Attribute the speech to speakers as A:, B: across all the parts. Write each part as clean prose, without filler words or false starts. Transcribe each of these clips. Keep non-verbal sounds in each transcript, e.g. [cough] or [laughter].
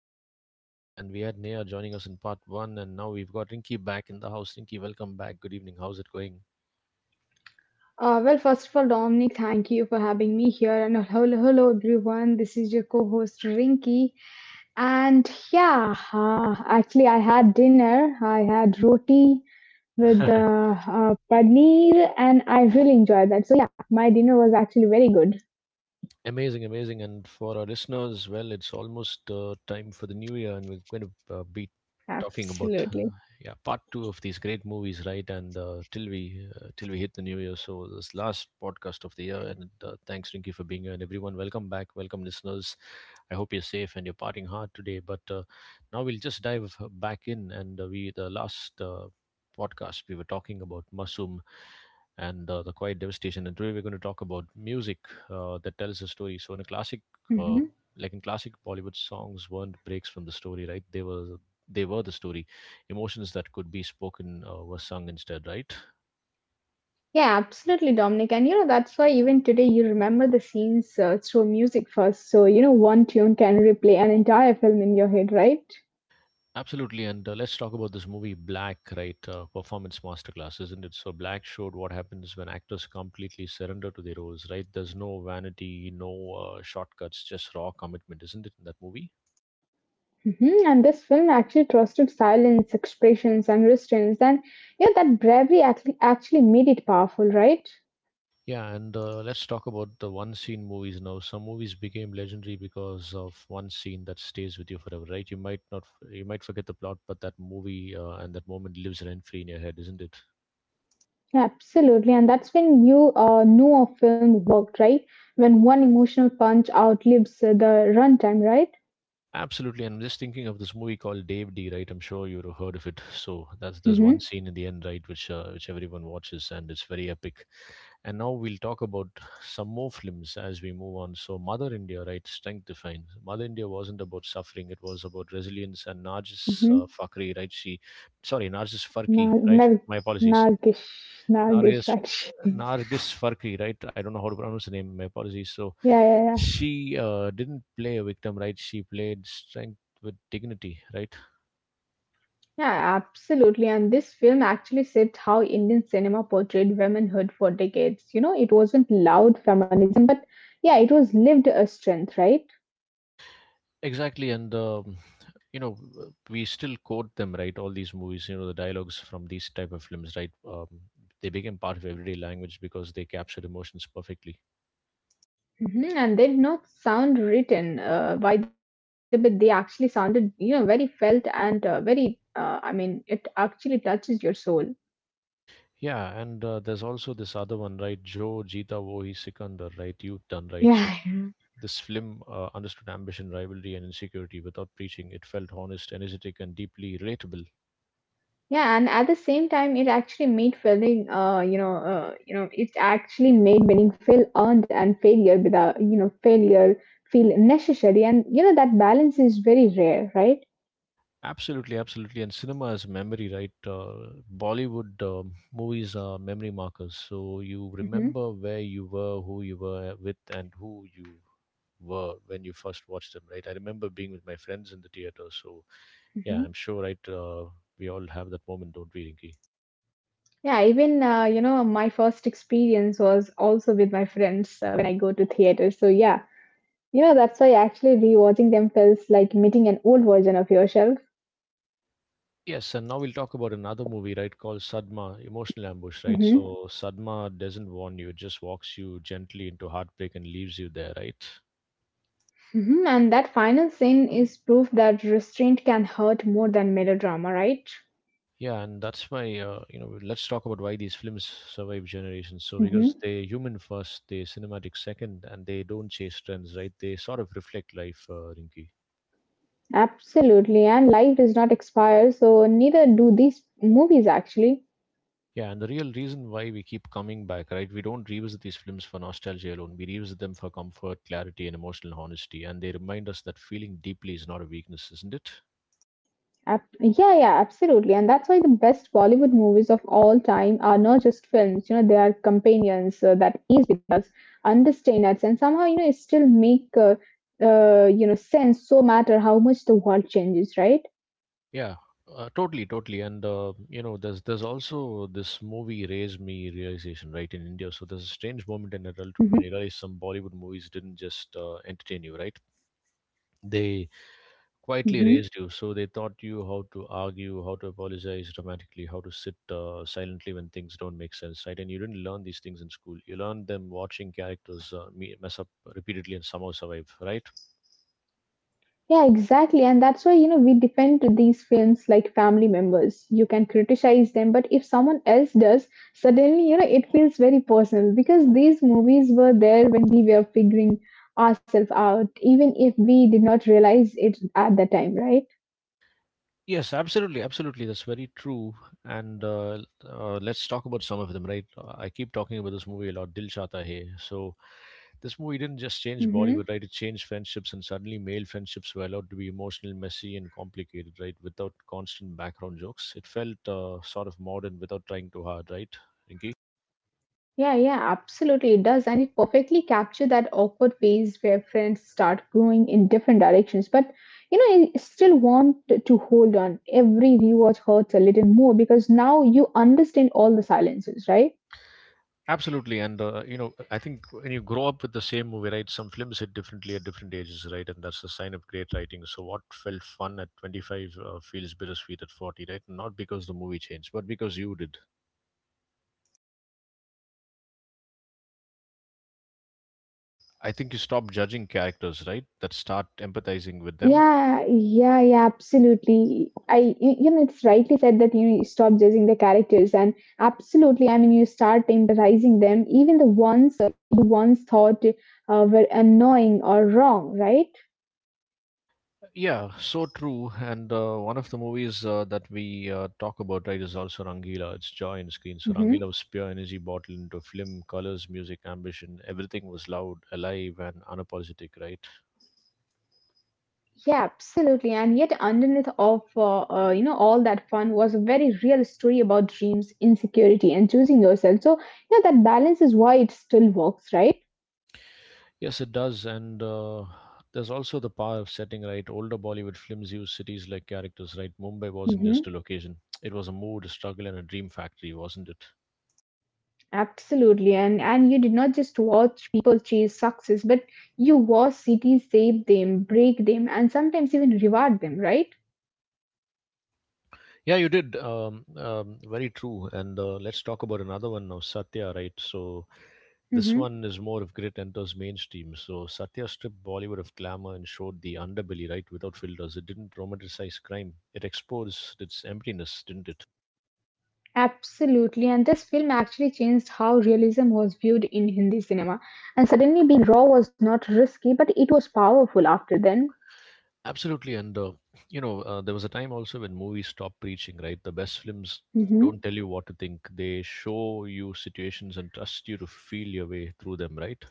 A: they're still amazing, and we had Neha joining us in part 1, and now we've got Rinky back in the house. Rinky, welcome back. Good evening. How's it going?
B: Well, first of all, Dominic, thank you for having me here. And hello, hello, everyone. This is your co host, Rinky. And yeah, uh, actually, I had dinner. I had roti with
A: [laughs]
B: paneer, and I really enjoyed that. So, yeah, my dinner was actually very good.
A: Amazing, amazing. And for our listeners, well, it's almost time for the new year, and we're going to be talking about
B: Absolutely.
A: yeah part two of these great movies, right? And till we hit the new year, so this last podcast of the year. And thanks, Rinky, for being here, and everyone, welcome back, welcome listeners. I hope you're safe and you're parting hard today. But Now we'll just dive back in, and we the last podcast we were talking about Masum and the quiet devastation. And today we're going to talk about music that tells a story. So in a classic, uh,
B: hmm
A: like in classic Bollywood songs, weren't breaks from the story, right? They were the story. Emotions that could be spoken were sung instead, right?
B: Yeah, absolutely, Dominic. And you know, that's why even today you remember the scenes through music first. So, you know, one tune can replay an entire film in your head, right?
A: Absolutely, and let's talk about this movie Black, right? Performance masterclass, isn't it? So Black showed what happens when actors completely surrender to their roles, right? There's no vanity, no shortcuts, just raw commitment, isn't it? In that movie.
B: Mhm. And this film actually trusted silence, expressions, and restraints. And yeah, that bravery actually made it powerful, right?
A: Yeah, and let's talk about the one scene movies now. Some movies became legendary because of one scene that stays with you forever, right? You might not, You might forget the plot, but that movie and that moment lives rent free in your head, isn't it?
B: Yeah, absolutely. And that's when you knew a film worked, right? When one emotional punch outlives the runtime, right?
A: Absolutely, and I'm just thinking of this movie called Dave D, right? I'm sure you've heard of it. So that's there's one
B: Mm-hmm.
A: scene in the end, right, which everyone watches, and it's very epic. And now we'll talk about some more films as we move on. So, Mother India, right? Strength defined. Mother India wasn't about suffering; it was about resilience. And Nargis
B: Mm-hmm.
A: Fakhri, right? Sorry, Nargis Farki,
B: Nag
A: right?
B: Nag-
A: My apologies,
B: Nagish, Nagish,
A: Nargis.
B: actually.
A: Nargis Farki, right? I don't know how to pronounce the name. My apologies. So
B: Yeah, yeah, yeah.
A: she didn't play a victim, right? She played strength with dignity, right?
B: Yeah, absolutely. And this film actually shaped how Indian cinema portrayed womanhood for decades. You know, it wasn't loud feminism, but. Yeah, it was lived a strength, right?
A: Exactly. And you know we still quote them, right, all these movies, you know, the dialogues from these type of films, right, they became part of everyday language because they captured emotions perfectly.
B: Mhm. And they did not sound written by the bit. They actually sounded, you know, very felt and very. I mean, it actually touches your soul.
A: Yeah, and there's also this other one, right, joe jita wohi sikandar, right, you've done right. So
B: Yeah, yeah.
A: this film understood ambition, rivalry and insecurity without preaching. It felt honest, energetic and deeply relatable.
B: Yeah, and at the same time, it actually made feeling, it actually made winning feel earned and failure without, you know, failure feel necessary, and you know that balance is very rare, right?
A: Absolutely, absolutely. And cinema is memory, right? Bollywood movies are memory markers. So you
B: Mm-hmm.
A: remember where you were, who you were with, and who you were when you first watched them, right? I remember being with my friends in the theater. So yeah, I'm sure, right? We all have that moment, don't we, Rinki?
B: Yeah, even you know, my first experience was also with my friends when I go to theater. So yeah, you know, that's why actually rewatching them feels like meeting an old version of yourself.
A: Yes, and now we'll talk about another movie, right, called Sadma, Emotional Ambush, right? So
B: Hmm.
A: Sadma doesn't warn you, it just walks you gently into heartbreak and leaves you there, right?
B: Hmm. And that final scene is proof that restraint can hurt more than melodrama, right?
A: Yeah, and that's my, let's talk about why these films survive generations. So, because
B: Hmm.
A: they're human first, they're cinematic second, and they don't chase trends, right? They sort of reflect life, Rinky.
B: Absolutely. And life does not expire, so neither do these movies actually.
A: Yeah, and the real reason why we keep coming back, right? We don't revisit these films for nostalgia alone. We revisit them for comfort, clarity, and emotional honesty. And they remind us that feeling deeply is not a weakness, isn't it?
B: Yeah, yeah, absolutely. And that's why the best Bollywood movies of all time are not just films, you know, they are companions that is with us, understand us, and somehow, you know, it still make, you know, sense so matter how much the world changes, right?
A: Yeah, totally, totally. And there's also this movie raised me realization right in India. So there's a strange moment in adulthood when you realize some Bollywood movies didn't just entertain you, right? They quietly
B: Hmm.
A: raised you. So they taught you how to argue, how to apologize dramatically, how to sit silently when things don't make sense, right? And you didn't learn these things in school. You learned them watching characters mess up repeatedly and somehow survive, right?
B: Yeah, exactly. And that's why, you know, we defend these films like family members. You can criticize them, but if someone else does, suddenly, you know, it feels very personal because these movies were there when we were figuring ourselves out, even if we did not realize it at the time, right?
A: Yes, absolutely, absolutely. That's very true. And let's talk about some of them, right? I keep talking about this movie a lot, Dil Chata Hai. So this movie didn't just change
B: Mhm.
A: Bollywood, right? It changed friendships, and suddenly male friendships were allowed to be emotional, messy, and complicated, right? Without constant background jokes, it felt sort of modern without trying too hard, right? Rinki?
B: Yeah, yeah, absolutely. It does. And it perfectly captures that awkward phase where friends start growing in different directions. But, you know, I still want to hold on. Every rewatch hurts a little more because now you understand all the silences, right?
A: Absolutely, and you know, I think when you grow up with the same movie, right? Some films hit differently at different ages, right? And that's a sign of great writing. So what felt fun at 25 feels bittersweet at 40, right? Not because the movie changed, but because you did. I think you stop judging characters, right? That start empathizing with them.
B: Yeah, yeah, yeah, absolutely. I, you know, it's rightly said that you, know, you stop judging the characters, and absolutely, I mean, you start empathizing them, even the ones thought were annoying or wrong, right?
A: Yeah, so true. And one of the movies that we talk about, right, is also Rangila. It's joy in screen. So
B: Mhm.
A: Rangila was pure energy bottled into film, colors, music, ambition. Everything was loud, alive, and unapologetic, right?
B: Yeah, absolutely. And yet, underneath of you know all that fun was a very real story about dreams, insecurity, and choosing yourself. So you know that balance is why it still works, right?
A: Yes, it does. And there's also the power of setting, right? Older Bollywood films use cities like characters, right? Mumbai wasn't just a
B: Mm-hmm.
A: location, it was a mood, a struggle, and a dream factory, wasn't it?
B: Absolutely. And you did not just watch people chase success, but you watch cities save them, break them, and sometimes even reward them, right?
A: Yeah, you did. Very true. And let's talk about another one now, Satya, right? So this
B: Mm-hmm.
A: one is more of grit enters mainstream. So Satya stripped Bollywood of glamour and showed the underbelly, right? Without filters. It didn't romanticize crime, it exposed its emptiness, didn't it?
B: Absolutely. And this film actually changed how realism was viewed in Hindi cinema. And suddenly being raw was not risky, but it was powerful after then.
A: Absolutely, and there was a time also when movies stopped preaching, right? The best films
B: Hmm.
A: don't tell you what to think; they show you situations and trust you to feel your way through them, right?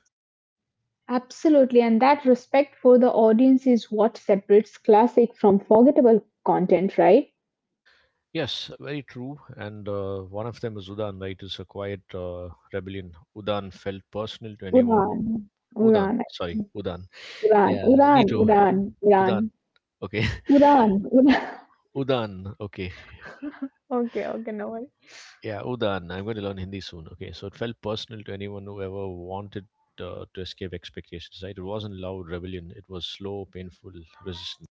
B: Absolutely, and that respect for the audience is what separates classic from forgettable content, right?
A: Yes, very true. And one of them is Udan, right? It's a quiet rebellion. Udan felt personal to anyone. Who-
B: Uran,
A: Udan,
B: Uran,
A: sorry, Udan. Yeah,
B: Uran,
A: me
B: Uran,
A: too.
B: Uran, Uran,
A: Udan. Okay, [laughs]
B: Uran.
A: Udan. Okay.
B: [laughs] Okay, okay, no worries.
A: Yeah, Udan, I'm going to learn Hindi soon. Okay, so it felt personal to anyone who ever wanted to escape expectations, right? It wasn't loud rebellion, it was slow, painful resistance.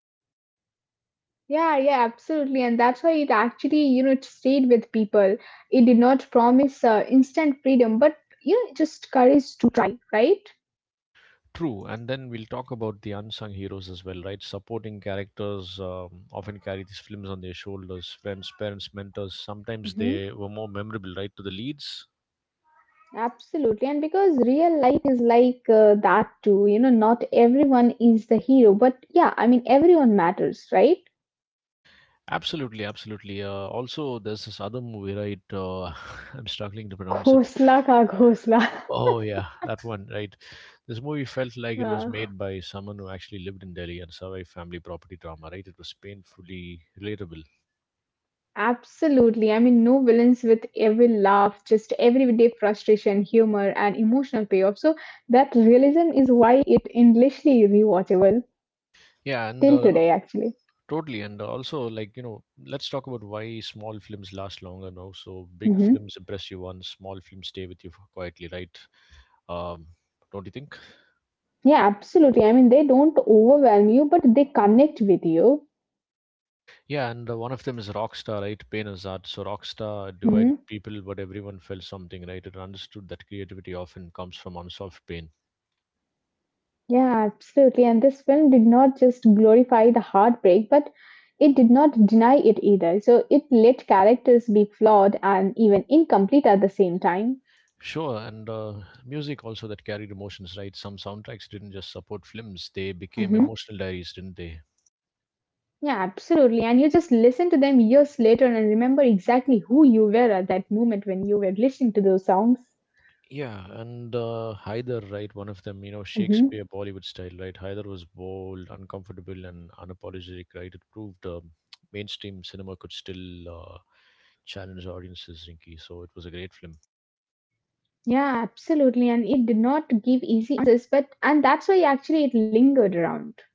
B: Yeah, yeah, absolutely, and that's why it actually, you know, it stayed with people. It did not promise instant freedom, but you know, just courage to try, right?
A: True, and then we'll talk about the unsung heroes as well, right? Supporting characters often carry these films on their shoulders, friends, parents, mentors. Sometimes
B: Mm-hmm.
A: they were more memorable, right, to the leads.
B: Absolutely. And because real life is like that too, you know, not everyone is the hero, but yeah, I mean, everyone matters, right?
A: Absolutely, absolutely. Also, there's this other movie, right? [laughs] I'm struggling to
B: [laughs]
A: pronounce it.
B: Khosla ka khosla. [laughs]
A: Oh yeah, that one, right? This movie felt like it was
B: Uh,
A: made by someone who actually lived in Delhi and survived family property drama, right? It was painfully relatable.
B: Absolutely. I mean, no villains with every laugh, just everyday frustration, humor, and emotional payoff. So that realism is why it endlessly rewatchable
A: Yeah, and
B: till today, actually.
A: totally, and also, like, you know, let's talk about why small films last longer now. So big
B: Hmm.
A: films impress you once, small films stay with you quietly, right? Um, don't you think?
B: Yeah, absolutely. I mean, they don't overwhelm you, but they connect with you.
A: Yeah, and one of them is Rockstar, right? Pain is art. So Rockstar
B: Mm-hmm.
A: divided people, but everyone felt something, right? It understood that creativity often comes from unsolved pain.
B: Yeah, absolutely. And this film did not just glorify the heartbreak, but it did not deny it either. So it let characters be flawed and even incomplete at the same time.
A: Sure, and music also that carried emotions, right? Some soundtracks didn't just support films, they became
B: Mhm.
A: emotional diaries, didn't they?
B: Yeah, absolutely. And you just listen to them years later and remember exactly who you were at that moment when you were listening to those songs.
A: Yeah, and Haider, right? One of them, you know, Shakespeare
B: Hmm.
A: Bollywood style, right? Haider was bold, uncomfortable, and unapologetic, right? It proved mainstream cinema could still challenge audiences, Rinky. So it was a great film.
B: Yeah, absolutely. And it did not give easy answers, but and that's why actually it lingered around.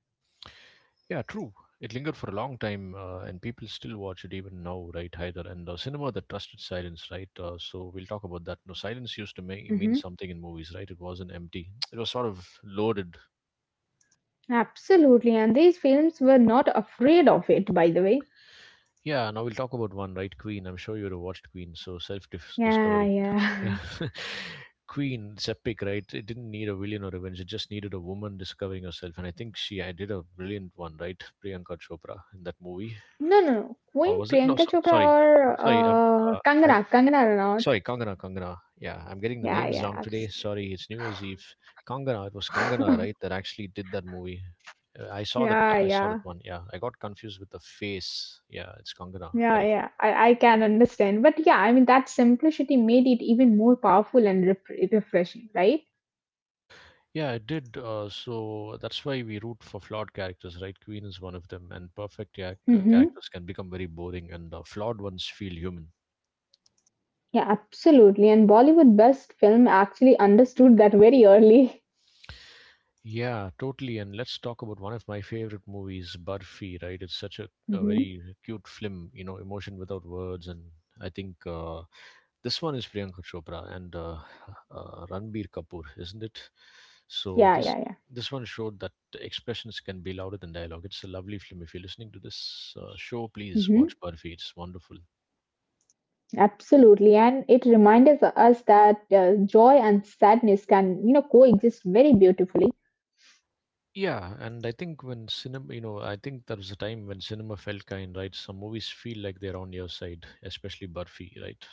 A: Yeah, true. It lingered for a long time, and people still watch it even now, right, Haider? And cinema that trusted silence, right? So we'll talk about that. No, silence used to mean
B: Hmm.
A: something in movies, right? It wasn't empty. It was sort of loaded.
B: Absolutely. And these films were not afraid of it, by the way.
A: Yeah, now we'll talk about one, right? Queen. I'm sure you'd have watched Queen. So
B: Yeah,
A: self-discovery.
B: yeah. [laughs]
A: [laughs] Queen, it's epic, right? It didn't need a villain or revenge. It just needed a woman discovering herself, and I think I did a brilliant one, right? Priyanka Chopra in that movie,
B: No, no, no. Queen
A: or was it? No,
B: Priyanka
A: so,
B: Chopra
A: sorry,
B: or
A: sorry. Uh, I
B: Kangana, Kangana Ranaut.
A: Sorry, Kangana. Yeah, I'm getting the
B: Yeah,
A: names wrong
B: yeah,
A: today. Sorry, it's New Year's Eve. Kangana, it was Kangana, right?
B: absolutely.
A: That
B: [laughs]
A: actually did that movie. I saw that.
B: Yeah,
A: I saw
B: yeah,
A: that one. Yeah, I got confused with the face. Yeah, it's Kangana.
B: yeah,
A: Correct.
B: yeah. I can understand. But yeah, I mean, that simplicity made it even more powerful and refreshing, right?
A: Yeah, it did. So that's why we root for flawed characters, right? Queen is one of them, and perfect, yeah,
B: Mm-hmm.
A: characters can become very boring, and flawed ones feel human.
B: Yeah, absolutely. And Bollywood best film actually understood that very early. [laughs]
A: Yeah, totally. And let's talk about one of my favorite movies, Barfi, right? It's such a
B: Mm-hmm.
A: very cute film, you know, emotion without words. And I think this one is Priyanka Chopra and Ranbir Kapoor, isn't it? So
B: Yeah,
A: this
B: yeah, yeah.
A: this one showed that expressions can be louder than dialogue. It's a lovely film. If you're listening to this show, please
B: Mm-hmm.
A: watch Barfi. It's wonderful.
B: Absolutely. And it reminds us that joy and sadness can, you know, coexist very beautifully.
A: Yeah, and I think when cinema, I think there was a time when cinema felt kind, right? Some movies feel like they're on your side, especially Burfi, right?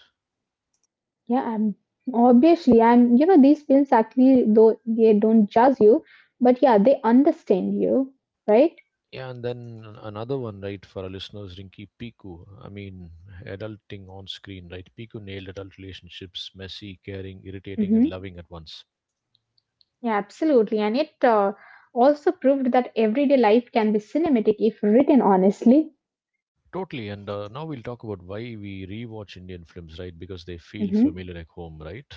B: Yeah, I'm obviously I'm. You know these films actually though they don't judge you, but yeah, they understand you, right?
A: Yeah, and then another one, right, for our listeners, Rinky Piku. I mean, adulting on screen, right? Piku nailed adult relationships, messy, caring, irritating, and
B: Hmm.
A: loving at once.
B: Yeah, absolutely. And it also proved that everyday life can be cinematic if written honestly.
A: Totally. And now we'll talk about why we rewatch Indian films, right? Because they feel
B: Hmm.
A: familiar like home, right?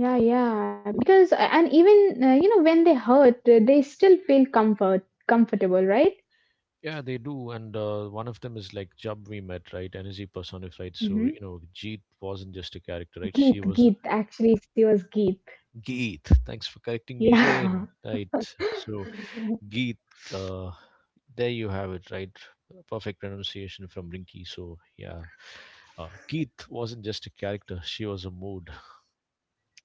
B: Yeah, yeah. Because and even you know when they hurt, they still feel comfortable, right?
A: Yeah, they do. And one of them is like Jub we met, right? Energy personified, right? So,
B: Mm-hmm.
A: you know, Jeet wasn't just a character, right? She was
B: She was Geet.
A: Geet. Thanks for correcting me again.
B: Yeah. [laughs]
A: Right. So, Geet, uh, there you have it, right? Perfect pronunciation from Rinky. So, yeah. Geet wasn't just a character, she was a mood,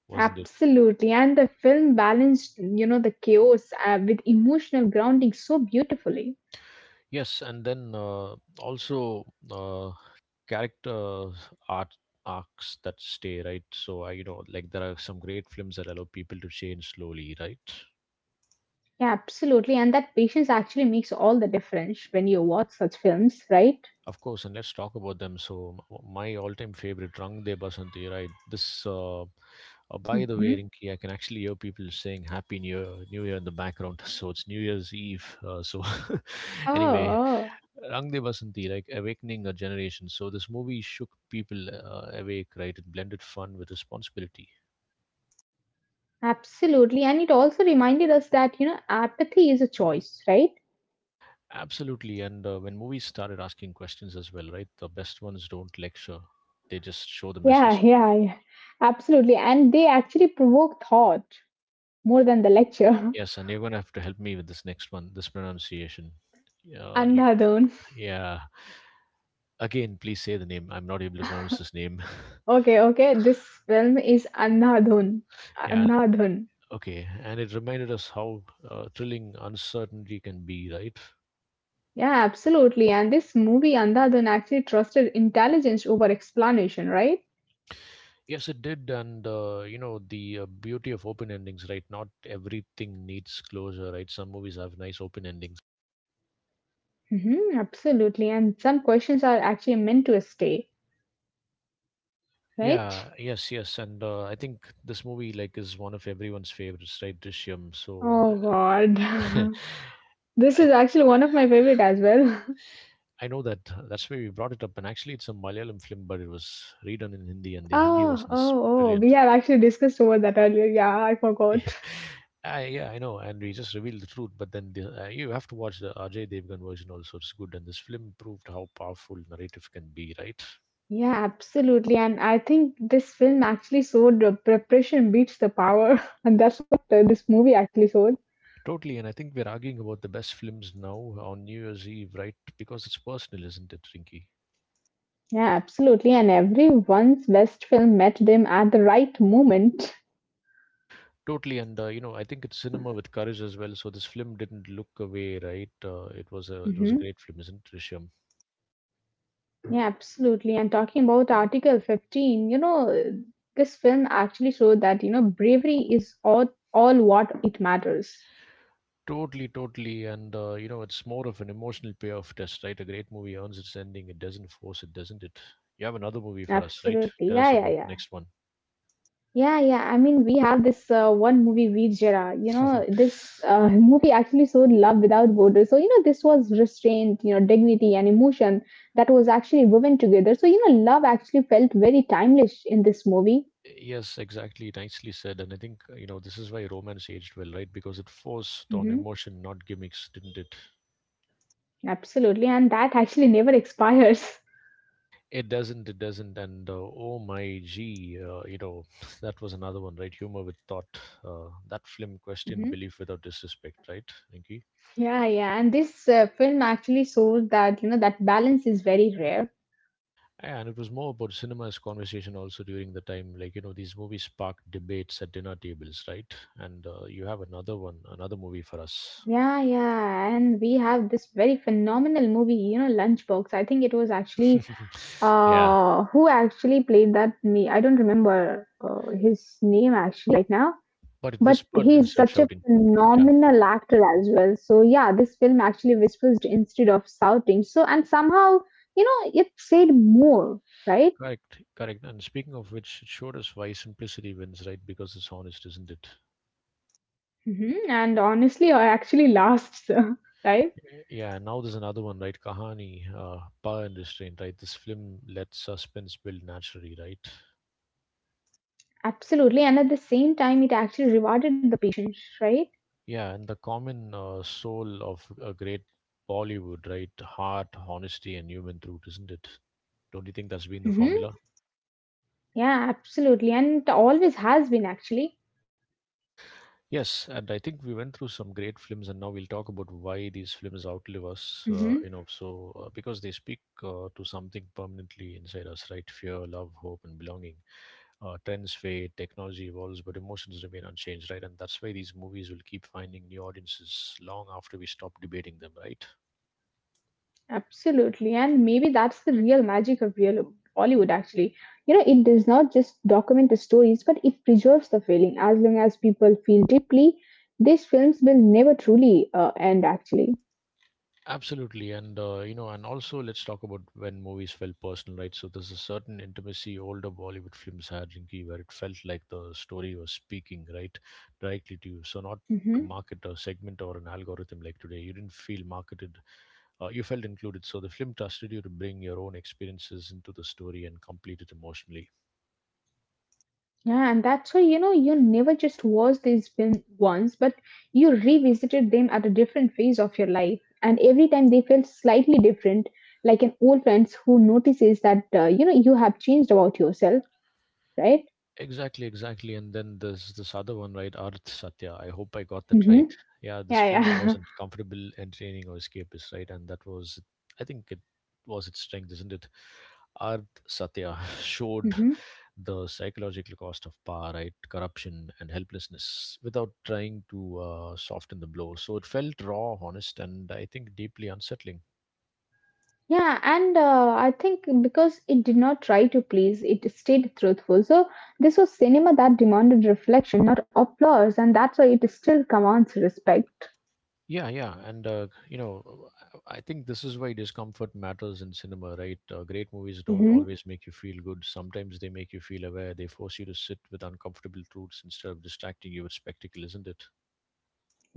A: wasn't it?
B: Absolutely, and the film balanced, you know, the chaos with emotional grounding so beautifully.
A: Yes. And then also, character art arcs that stay, right? So, I, you know, like there are some great films that allow people to change slowly, right?
B: Yeah, absolutely, and that patience actually makes all the difference when you watch such films, right?
A: Of course, and let's talk about them. So, my all-time favorite, Rang De Basanti, right? This uh, by the way,
B: Hmm.
A: Rinki, I can actually hear people saying happy new year, new year, in the background [laughs] so it's New Year's Eve, so [laughs] anyway,
B: Oh,
A: Rang De Basanti, like awakening a generation. So this movie shook people awake, right? It blended fun with responsibility.
B: absolutely, and it also reminded us that, you know, apathy is a choice, right?
A: Absolutely. And when movies started asking questions as well, right? The best ones don't lecture, they just show the
B: Yeah, [laughs]
A: message.
B: yeah, yeah, absolutely, and they actually provoke thought more than the lecture. [laughs]
A: Yes, and you're going to have to help me with this next one, this pronunciation. You,
B: Andhadhun.
A: yeah. Again, please say the name. I'm not able to pronounce this name.
B: Okay, okay, this film is Andhadhun.
A: [laughs] Yeah.
B: Andhadhun.
A: Okay. And it reminded us how thrilling uncertainty can be, right?
B: Yeah, absolutely. And this movie, Andhadhun, actually trusted intelligence over explanation, right?
A: Yes, it did. And you know, the beauty of open endings, right? Not everything needs closure, right? Some movies have nice open endings.
B: Hmm. Absolutely. And some questions are actually meant to stay, right?
A: Yeah, yes, yes, and I think this movie like is one of everyone's favorites, right? Drishyam. So
B: Oh, God.
A: [laughs] I
B: [laughs] This is actually one of my favorite as well. [laughs]
A: I know that that's why we brought it up, and actually it's a Malayalam film, but it was redone in Hindi, and the Hindi version
B: Oh,
A: is
B: oh, oh.
A: brilliant.
B: We have actually discussed over that earlier. Yeah, I forgot.
A: [laughs] I, yeah, I know, and we just revealed the truth, but then the, you have to watch the Ajay Devgan version also. It's good, and this film proved how powerful narrative can be, right?
B: Yeah, absolutely. And I think this film actually showed the preparation beats the power. [laughs] And that's what this movie actually showed.
A: Totally, and I think we're arguing about the best films now on New Year's Eve, right? Because it's personal, isn't it, Rinky?
B: Yeah, absolutely. And everyone's best film met them at the right moment.
A: Totally, and you know, I think it's cinema with courage as well. So this film didn't look away, right? It was a
B: Hmm.
A: great film, isn't it, Rishyam?
B: Yeah, absolutely. And talking about Article 15, you know, this film actually showed that, you know, bravery is all what it matters.
A: Totally, totally, and you know, it's more of an emotional payoff test, right? A great movie earns its ending; it doesn't force it, doesn't it? You have another movie for us, right?
B: Absolutely.
A: Tell
B: Yeah,
A: us
B: yeah,
A: about the
B: yeah.
A: next one.
B: Yeah, yeah. I mean, we have this one movie, Veer Jara. You know,
A: [laughs]
B: this movie actually showed love without borders. So, you know, this was restraint, you know, dignity and emotion that was actually woven together. So, you know, love actually felt very timeless in this movie.
A: Yes, exactly. Nicely said. And I think, you know, this is why romance aged well, right? Because it forced on
B: Hmm.
A: emotion, not gimmicks, didn't it?
B: Absolutely. And that actually never [laughs] expires.
A: It doesn't. It doesn't. And oh my gee, you know, [laughs] that was another one, right? Humor with thought. That film questioned
B: Hmm.
A: belief without disrespect, right, Inky?
B: Yeah, yeah, and this film actually shows that, you know, that balance is very rare.
A: And it was more about cinema's conversation also during the time. Like, you know, these movies sparked debates at dinner tables, right? And you have another one, another movie for us.
B: Yeah, yeah, and we have this very phenomenal movie, you know, Lunchbox. I think it was actually
A: [laughs] Yeah.
B: Who actually played that? Me, I don't remember his name actually right now.
A: But it
B: But
A: whispered instead
B: he's
A: of
B: such a
A: shouting. Yeah,
B: phenomenal actor as well. So yeah, this film actually whispers instead of shouting. So and somehow you know it said more, right?
A: correct, correct. And speaking of which, it showed us why simplicity wins, right? Because it's honest, isn't it?
B: Hmm. And honestly, I actually lasts, [laughs] right?
A: Yeah, now there's another one, right? Kahani, power and restraint, right? This film lets suspense build naturally, right?
B: Absolutely. And at the same time, it actually rewarded the patience, right?
A: Yeah, and the common soul of a great Bollywood, right? Heart, honesty, and human truth, isn't it? Don't you think that's been the
B: Hmm.
A: formula?
B: Yeah, absolutely. And it always has been actually.
A: Yes, and I think we went through some great films, and now we'll talk about why these films outlive us.
B: Mhm.
A: You know, so because they speak to something permanently inside us, right? Fear, love, hope, and belonging. Trends fade, technology evolves, but emotions remain unchanged, right? And that's why these movies will keep finding new audiences long after we stop debating them, right?
B: Absolutely, and maybe that's the real magic of real Bollywood. Actually, you know, it does not just document the stories, but it preserves the feeling. As long as people feel deeply, these films will never truly end. Actually,
A: Absolutely, and you know, and also let's talk about when movies felt personal, right? So there's a certain intimacy older Bollywood films had, Rinky, where it felt like the story was speaking, right, directly to you. So not to
B: hmm
A: market a segment or an algorithm like today, you didn't feel marketed. You felt included. So the film trusted you to bring your own experiences into the story and complete it emotionally.
B: yeah, and that's why you know you never just watch these films once, but you revisited them at a different phase of your life, and every time they felt slightly different, like an old friend who notices that you know you have changed about yourself, right?
A: Exactly, exactly. And then there's this other one, right? Arth Satya. I hope I got that right.
B: Hmm.
A: Yeah, this
B: Yeah,
A: film
B: yeah.
A: wasn't comfortable, entertaining, or escapist, right? And that was, I think, it was its strength, isn't it? Arth Satya [laughs] showed
B: [laughs]
A: the psychological cost of power, right? Corruption and helplessness without trying to soften the blow. So it felt raw, honest, and I think deeply unsettling.
B: Yeah, and I think because it did not try to please, it stayed truthful. So this was cinema that demanded reflection, not applause, and that's why it still commands respect.
A: Yeah, yeah, and you know, I think this is why discomfort matters in cinema, right? Great movies don't
B: Hmm.
A: always make you feel good. Sometimes they make you feel aware. They force you to sit with uncomfortable truths instead of distracting you with spectacle, isn't it?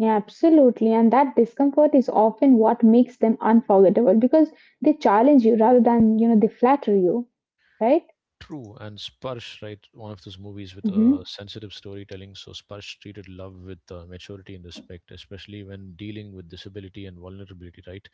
B: Yeah, absolutely. And that discomfort is often what makes them unforgettable because they challenge you rather than you know they flatter you, right?
A: True, and Sparsh, right? One of those movies with
B: Mm-hmm.
A: sensitive storytelling. So Sparsh treated love with maturity and respect, especially when dealing with disability and vulnerability. Right?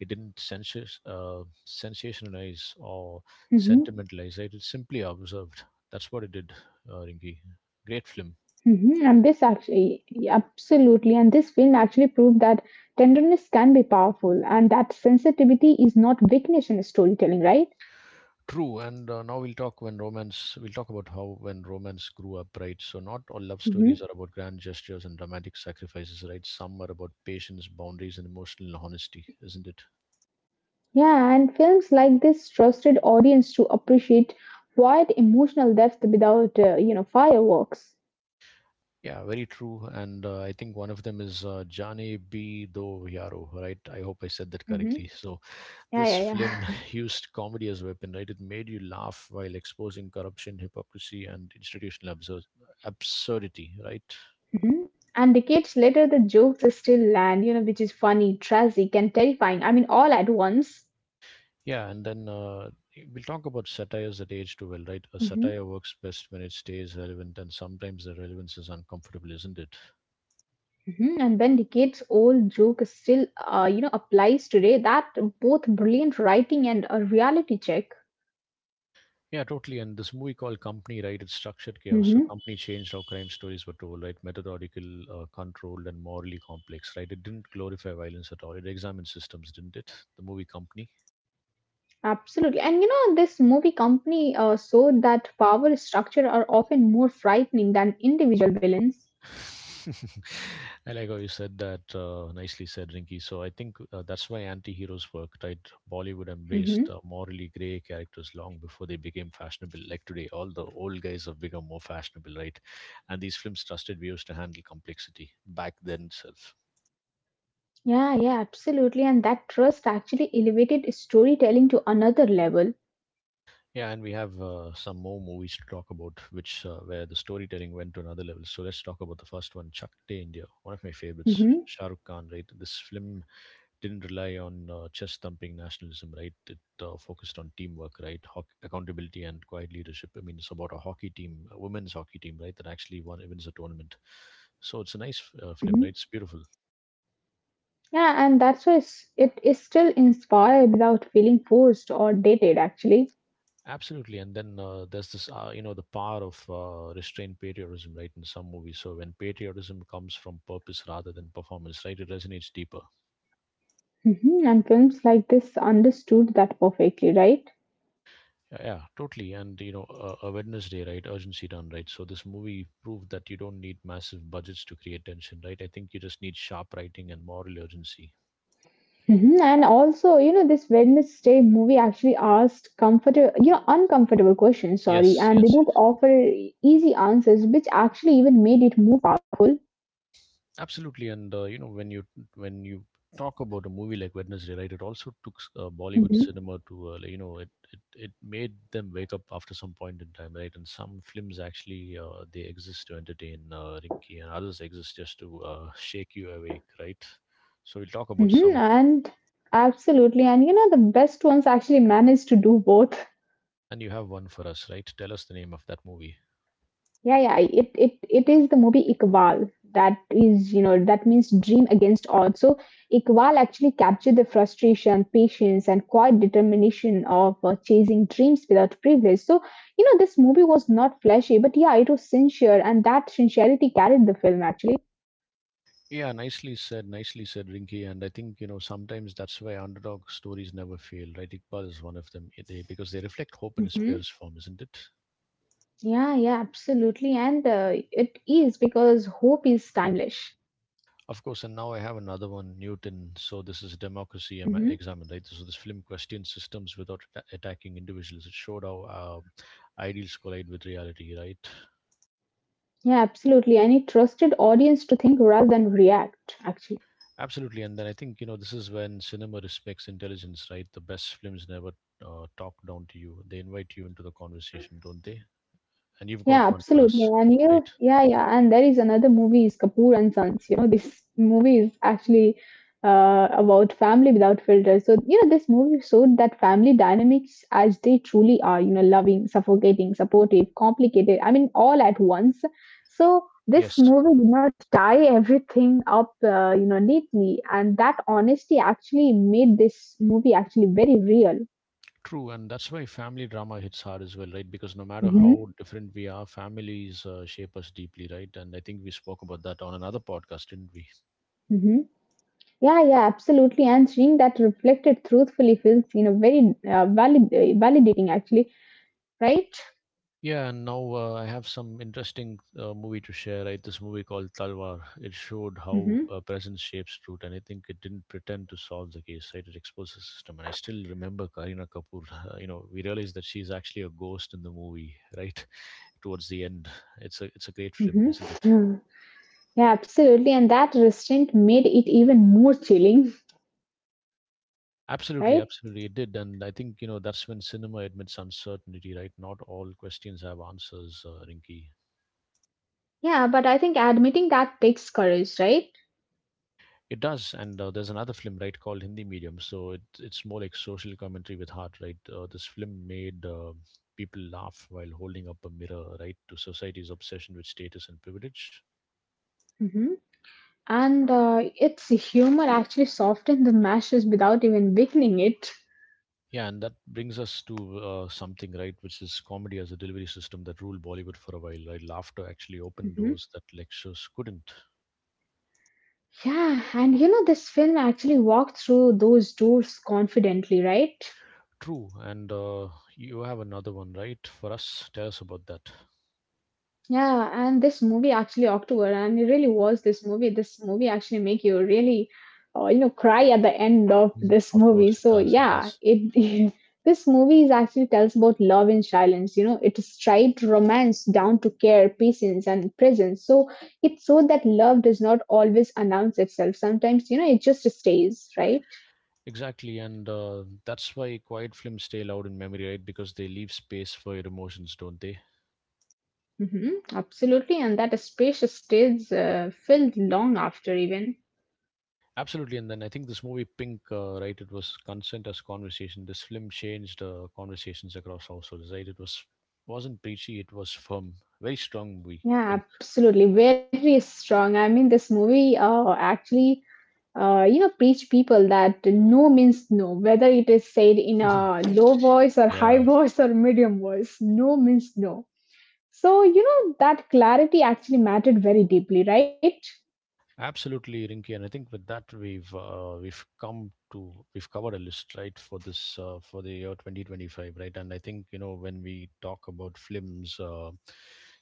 A: It didn't sensationalize or sentimentalize.
B: Mm-hmm.
A: Right? It simply observed. That's what it did, Rinki. Great film.
B: Mhm. Absolutely, and this film actually proved that tenderness can be powerful and that sensitivity is not weakness in storytelling, right?
A: True, and now we'll talk when romance. We'll talk about how when romance grew up, right? So not all love stories are about
B: Hmm.
A: grand gestures and dramatic sacrifices, right? Some are about patience, boundaries, and emotional honesty, isn't it?
B: Yeah, and films like this trusted audience to appreciate quiet emotional depth without, you know, fireworks.
A: Yeah, very true. And I think one of them is Jane B. Do Yaro, right? I hope I said that
B: Hmm.
A: correctly. [laughs] So
B: Yeah,
A: this
B: yeah,
A: film
B: yeah.
A: [laughs] used comedy as a weapon, right? It made you laugh while exposing corruption, hypocrisy, and institutional absurdity, right?
B: [laughs] And decades later, the jokes still land, you know, which is funny, tragic, and terrifying. I mean, all at once.
A: Yeah, and then we'll talk about satires that age too well, right? A satire works best when it stays relevant, and sometimes the relevance is uncomfortable, isn't it?
B: Mhm, and when decades old joke is still, applies today, that both brilliant writing and a reality check.
A: Yeah, totally. And this movie called Company, right? It's structured chaos. So,
B: Hmm.
A: Company changed how crime stories were told, right? Methodical, controlled, and morally complex, right? It didn't glorify violence at all. It examined systems, didn't it? The movie Company.
B: Absolutely. And you know, this movie company showed that power structure are often more frightening than individual villains.
A: [laughs] I like how you said that. Nicely said, Rinky. So I think that's why anti-heroes worked, right? Bollywood
B: Hmm.
A: embraced morally grey characters long before they became fashionable. Like today, all the old guys have become more fashionable, right? And these films trusted viewers to handle complexity back then itself.
B: Yeah, yeah, absolutely. And that trust actually elevated storytelling to another level.
A: Yeah, and we have some more movies to talk about, which where the storytelling went to another level. So let's talk about the first one, Chak De India, one of my favorites,
B: Hmm.
A: Shah Rukh Khan. Right, this film didn't rely on chest thumping nationalism, right? It focused on teamwork, right? Hoc accountability and quiet leadership. I mean, it's about a hockey team, a women's hockey team, right? That actually won wins a tournament. So it's a nice film, right? It's
B: Hmm.
A: beautiful.
B: Yeah, and that's why it is still inspired without feeling forced or dated, actually.
A: Absolutely. And then there's this, you know, the power of restrained patriotism, right? In some movies. So when patriotism comes from purpose rather than performance, right? It resonates deeper.
B: Mhm, and films like this understood that perfectly, right?
A: Yeah, yeah, totally. And you know, a Wednesday, right? Urgency done, right? So this movie proved that you don't need massive budgets to create tension, right? I think you just need sharp writing and moral urgency.
B: Mhm, and also, you know, this Wednesday movie actually asked comfortable, you know, uncomfortable questions, sorry,
A: Yes,
B: and they
A: yes, yes.
B: don't offer easy answers, which actually even made it more powerful.
A: Absolutely. And you know, when you talk about a movie like Wednesday, right? It also took Bollywood
B: Hmm.
A: cinema to, like, you know, it made them wake up after some point in time, right? And some films actually they exist to entertain, Rinky, and others exist just to shake you awake, right? So we'll talk about
B: Hmm.
A: some of them.
B: And absolutely, and you know, the best ones actually managed to do both.
A: And you have one for us, right? Tell us the name of that movie.
B: Yeah, yeah. It is the movie Iqbal that is, you know, that means dream against odds. So Iqbal actually captured the frustration, patience, and quiet determination of chasing dreams without privilege. So, you know, this movie was not flashy, but yeah, it was sincere, and that sincerity carried the film actually.
A: Yeah, nicely said, Rinky. And I think, you know, sometimes that's why underdog stories never fail, right? Iqbal is one of them. They, because they reflect hope in its
B: Hmm.
A: purest form, isn't it?
B: Yeah, yeah, absolutely. And It is because hope is timeless.
A: Of course, and now I have another one, Newton. So this is democracy
B: Hmm.
A: examined, right? So this film questions systems without attacking individuals. It showed how ideals collide with reality, right?
B: Yeah, absolutely. And it trusted audience to think rather than react, actually.
A: Absolutely, and then I think you know this is when cinema respects intelligence, right? The best films never talk down to you; they invite you into the conversation, don't they? And you've got
B: Yeah,
A: one for
B: absolutely.
A: us,
B: And you know,
A: right?
B: yeah, yeah. And there is another movie is Kapoor and Sons. You know, this movie is actually about family without filters. So you know, this movie showed that family dynamics as they truly are. You know, loving, suffocating, supportive, complicated. I mean, all at once. So this
A: Yes,
B: movie did not tie everything up, neatly, and that honesty actually made this movie actually very real.
A: true, and that's why family drama hits hard as well, right? Because no matter how
B: Hmm.
A: different we are, families shape us deeply, right? And I think we spoke about that on another podcast, didn't we?
B: Hmm. Yeah, yeah, absolutely. And seeing that reflected truthfully feels, you know, very valid, validating actually, right?
A: Yeah, and now I have some interesting movie to share. Right, this movie called Talwar. It showed how
B: Hmm.
A: presence shapes truth, and I think it didn't pretend to solve the case. Right, it exposed the system, and I still remember Karina Kapoor. [laughs] You know, we realized that she's actually a ghost in the movie. Right, [laughs] towards the end, it's a great film,
B: Hmm.
A: isn't it?
B: Hmm. [sighs] Yeah, absolutely. And that restraint made it even more chilling,
A: Absolutely,
B: [laughs] right?
A: absolutely, it did, and I think you know that's when cinema admits uncertainty. Right, not all questions have answers, Rinky.
B: Yeah, but I think admitting that takes courage, right?
A: It does, and there's another film, right, called Hindi Medium. So it's more like social commentary with heart, right? This film made people laugh while holding up a mirror, right, to society's obsession with status and privilege.
B: Hmm. And Its humor actually softened the mashes without even weakening it.
A: Yeah, and that brings us to something, right, which is comedy as a delivery system that ruled Bollywood for a while, right? Laughter actually opened
B: Mhm.
A: doors that lectures couldn't.
B: Yeah, and you know, this film actually walked through those doors confidently, right?
A: True, and you have another one, right, for us? Tell us about that.
B: Yeah, and this movie actually October, and it really was this movie. This movie actually make you really, cry at the end of
A: Mhm.
B: this
A: Of
B: movie.
A: course, it
B: So
A: does. It
B: yeah,
A: does.
B: it [laughs] this movie is actually tells about love in silence. You know, it is tried romance down to care, patience, and presence. So it so that love does not always announce itself. Sometimes you know it just stays, right?
A: Exactly, and that's why quiet films stay loud in memory, right? Because they leave space for your emotions, don't they?
B: Hmm. Absolutely, and that space stays filled long after even.
A: Absolutely, and then I think this movie Pink, right? It was consent as conversation. This film changed conversations across households, right? It was wasn't preachy, it was firm, very strong movie.
B: Yeah,
A: Pink,
B: absolutely, very strong. I mean, this movie actually, you know, preach people that no means no, whether it is said in
A: [laughs]
B: a low voice or
A: yeah.
B: high [laughs] voice or medium voice. No means no. So you know that clarity actually mattered very deeply, right?
A: Absolutely, Rinky, and I think with that we've come to we've covered a list right for this for the year 2025, right? And I think you know when we talk about films,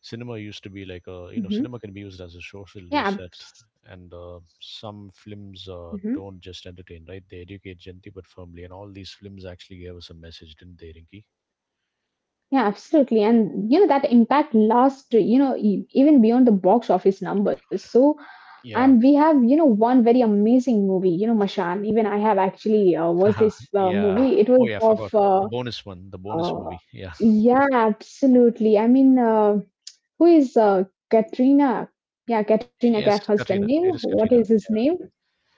A: cinema
B: Hmm.
A: used to be like a you know cinema can be used as
B: Yeah.
A: a social reset, and some
B: Mhm.
A: films don't just entertain, right? They educate gently but firmly, and all these films actually gave us a message, didn't they, Rinky?
B: Yeah, absolutely. And you know that impact lasts, you know, even beyond the box office numbers. So, and
A: Yeah,
B: we have, you know, one very amazing movie, you know, Mashan. Even I have actually watched
A: [laughs]
B: this
A: yeah.
B: movie.
A: Oh yeah, I forgot the bonus one, the bonus
B: Uh,
A: movie. Yeah,
B: yeah, absolutely. I mean, who is Katrina? Yeah, Katrina Kaif
A: yes, it's
B: husband
A: Katrina.
B: name.
A: It is
B: What is
A: Katrina.
B: his name?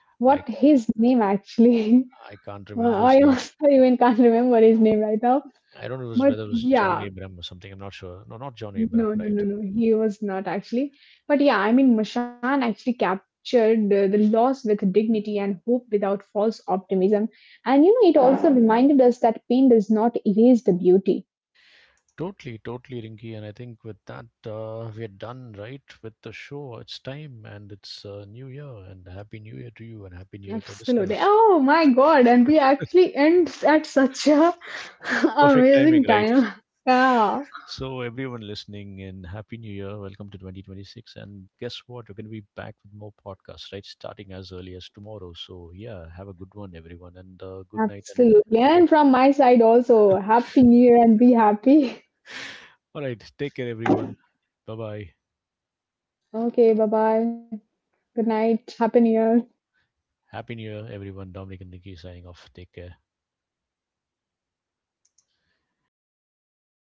B: What
A: I
B: his name actually? [laughs]
A: I can't
B: Well,
A: remember his
B: I
A: name.
B: also [laughs] even can't remember his name right now.
A: I don't know if it was,
B: But
A: whether it was John
B: yeah,
A: Abram or something. I'm not sure. No, not John Abram,
B: no, no,
A: right?
B: no, no. He was not actually. But yeah, I mean, Mashan actually captured the loss with dignity and hope without false optimism. And you know, it also reminded us that pain does not erase the beauty.
A: Totally, totally, Rinky. And I think with that, we're done, right, with the show. It's time and it's New Year and Happy New Year to you and Happy New Year to
B: Absolutely.
A: listeners.
B: Oh my God. And we actually end at such a [laughs]
A: Perfect timing,
B: amazing
A: right?
B: time.
A: [laughs]
B: Yeah,
A: So, everyone listening and Happy New Year. Welcome to 2026. And guess what? We're going to be back with more podcasts, right? Starting as early as tomorrow. So, yeah, have a good one, everyone. And good night. And
B: absolutely. And from my side also, Happy New Year and be happy. [laughs]
A: all right, take care, everyone. Bye bye.
B: Okay, bye bye. Good night. Happy New Year.
A: Happy New Year, everyone. Dominic and Nikki signing off. Take care.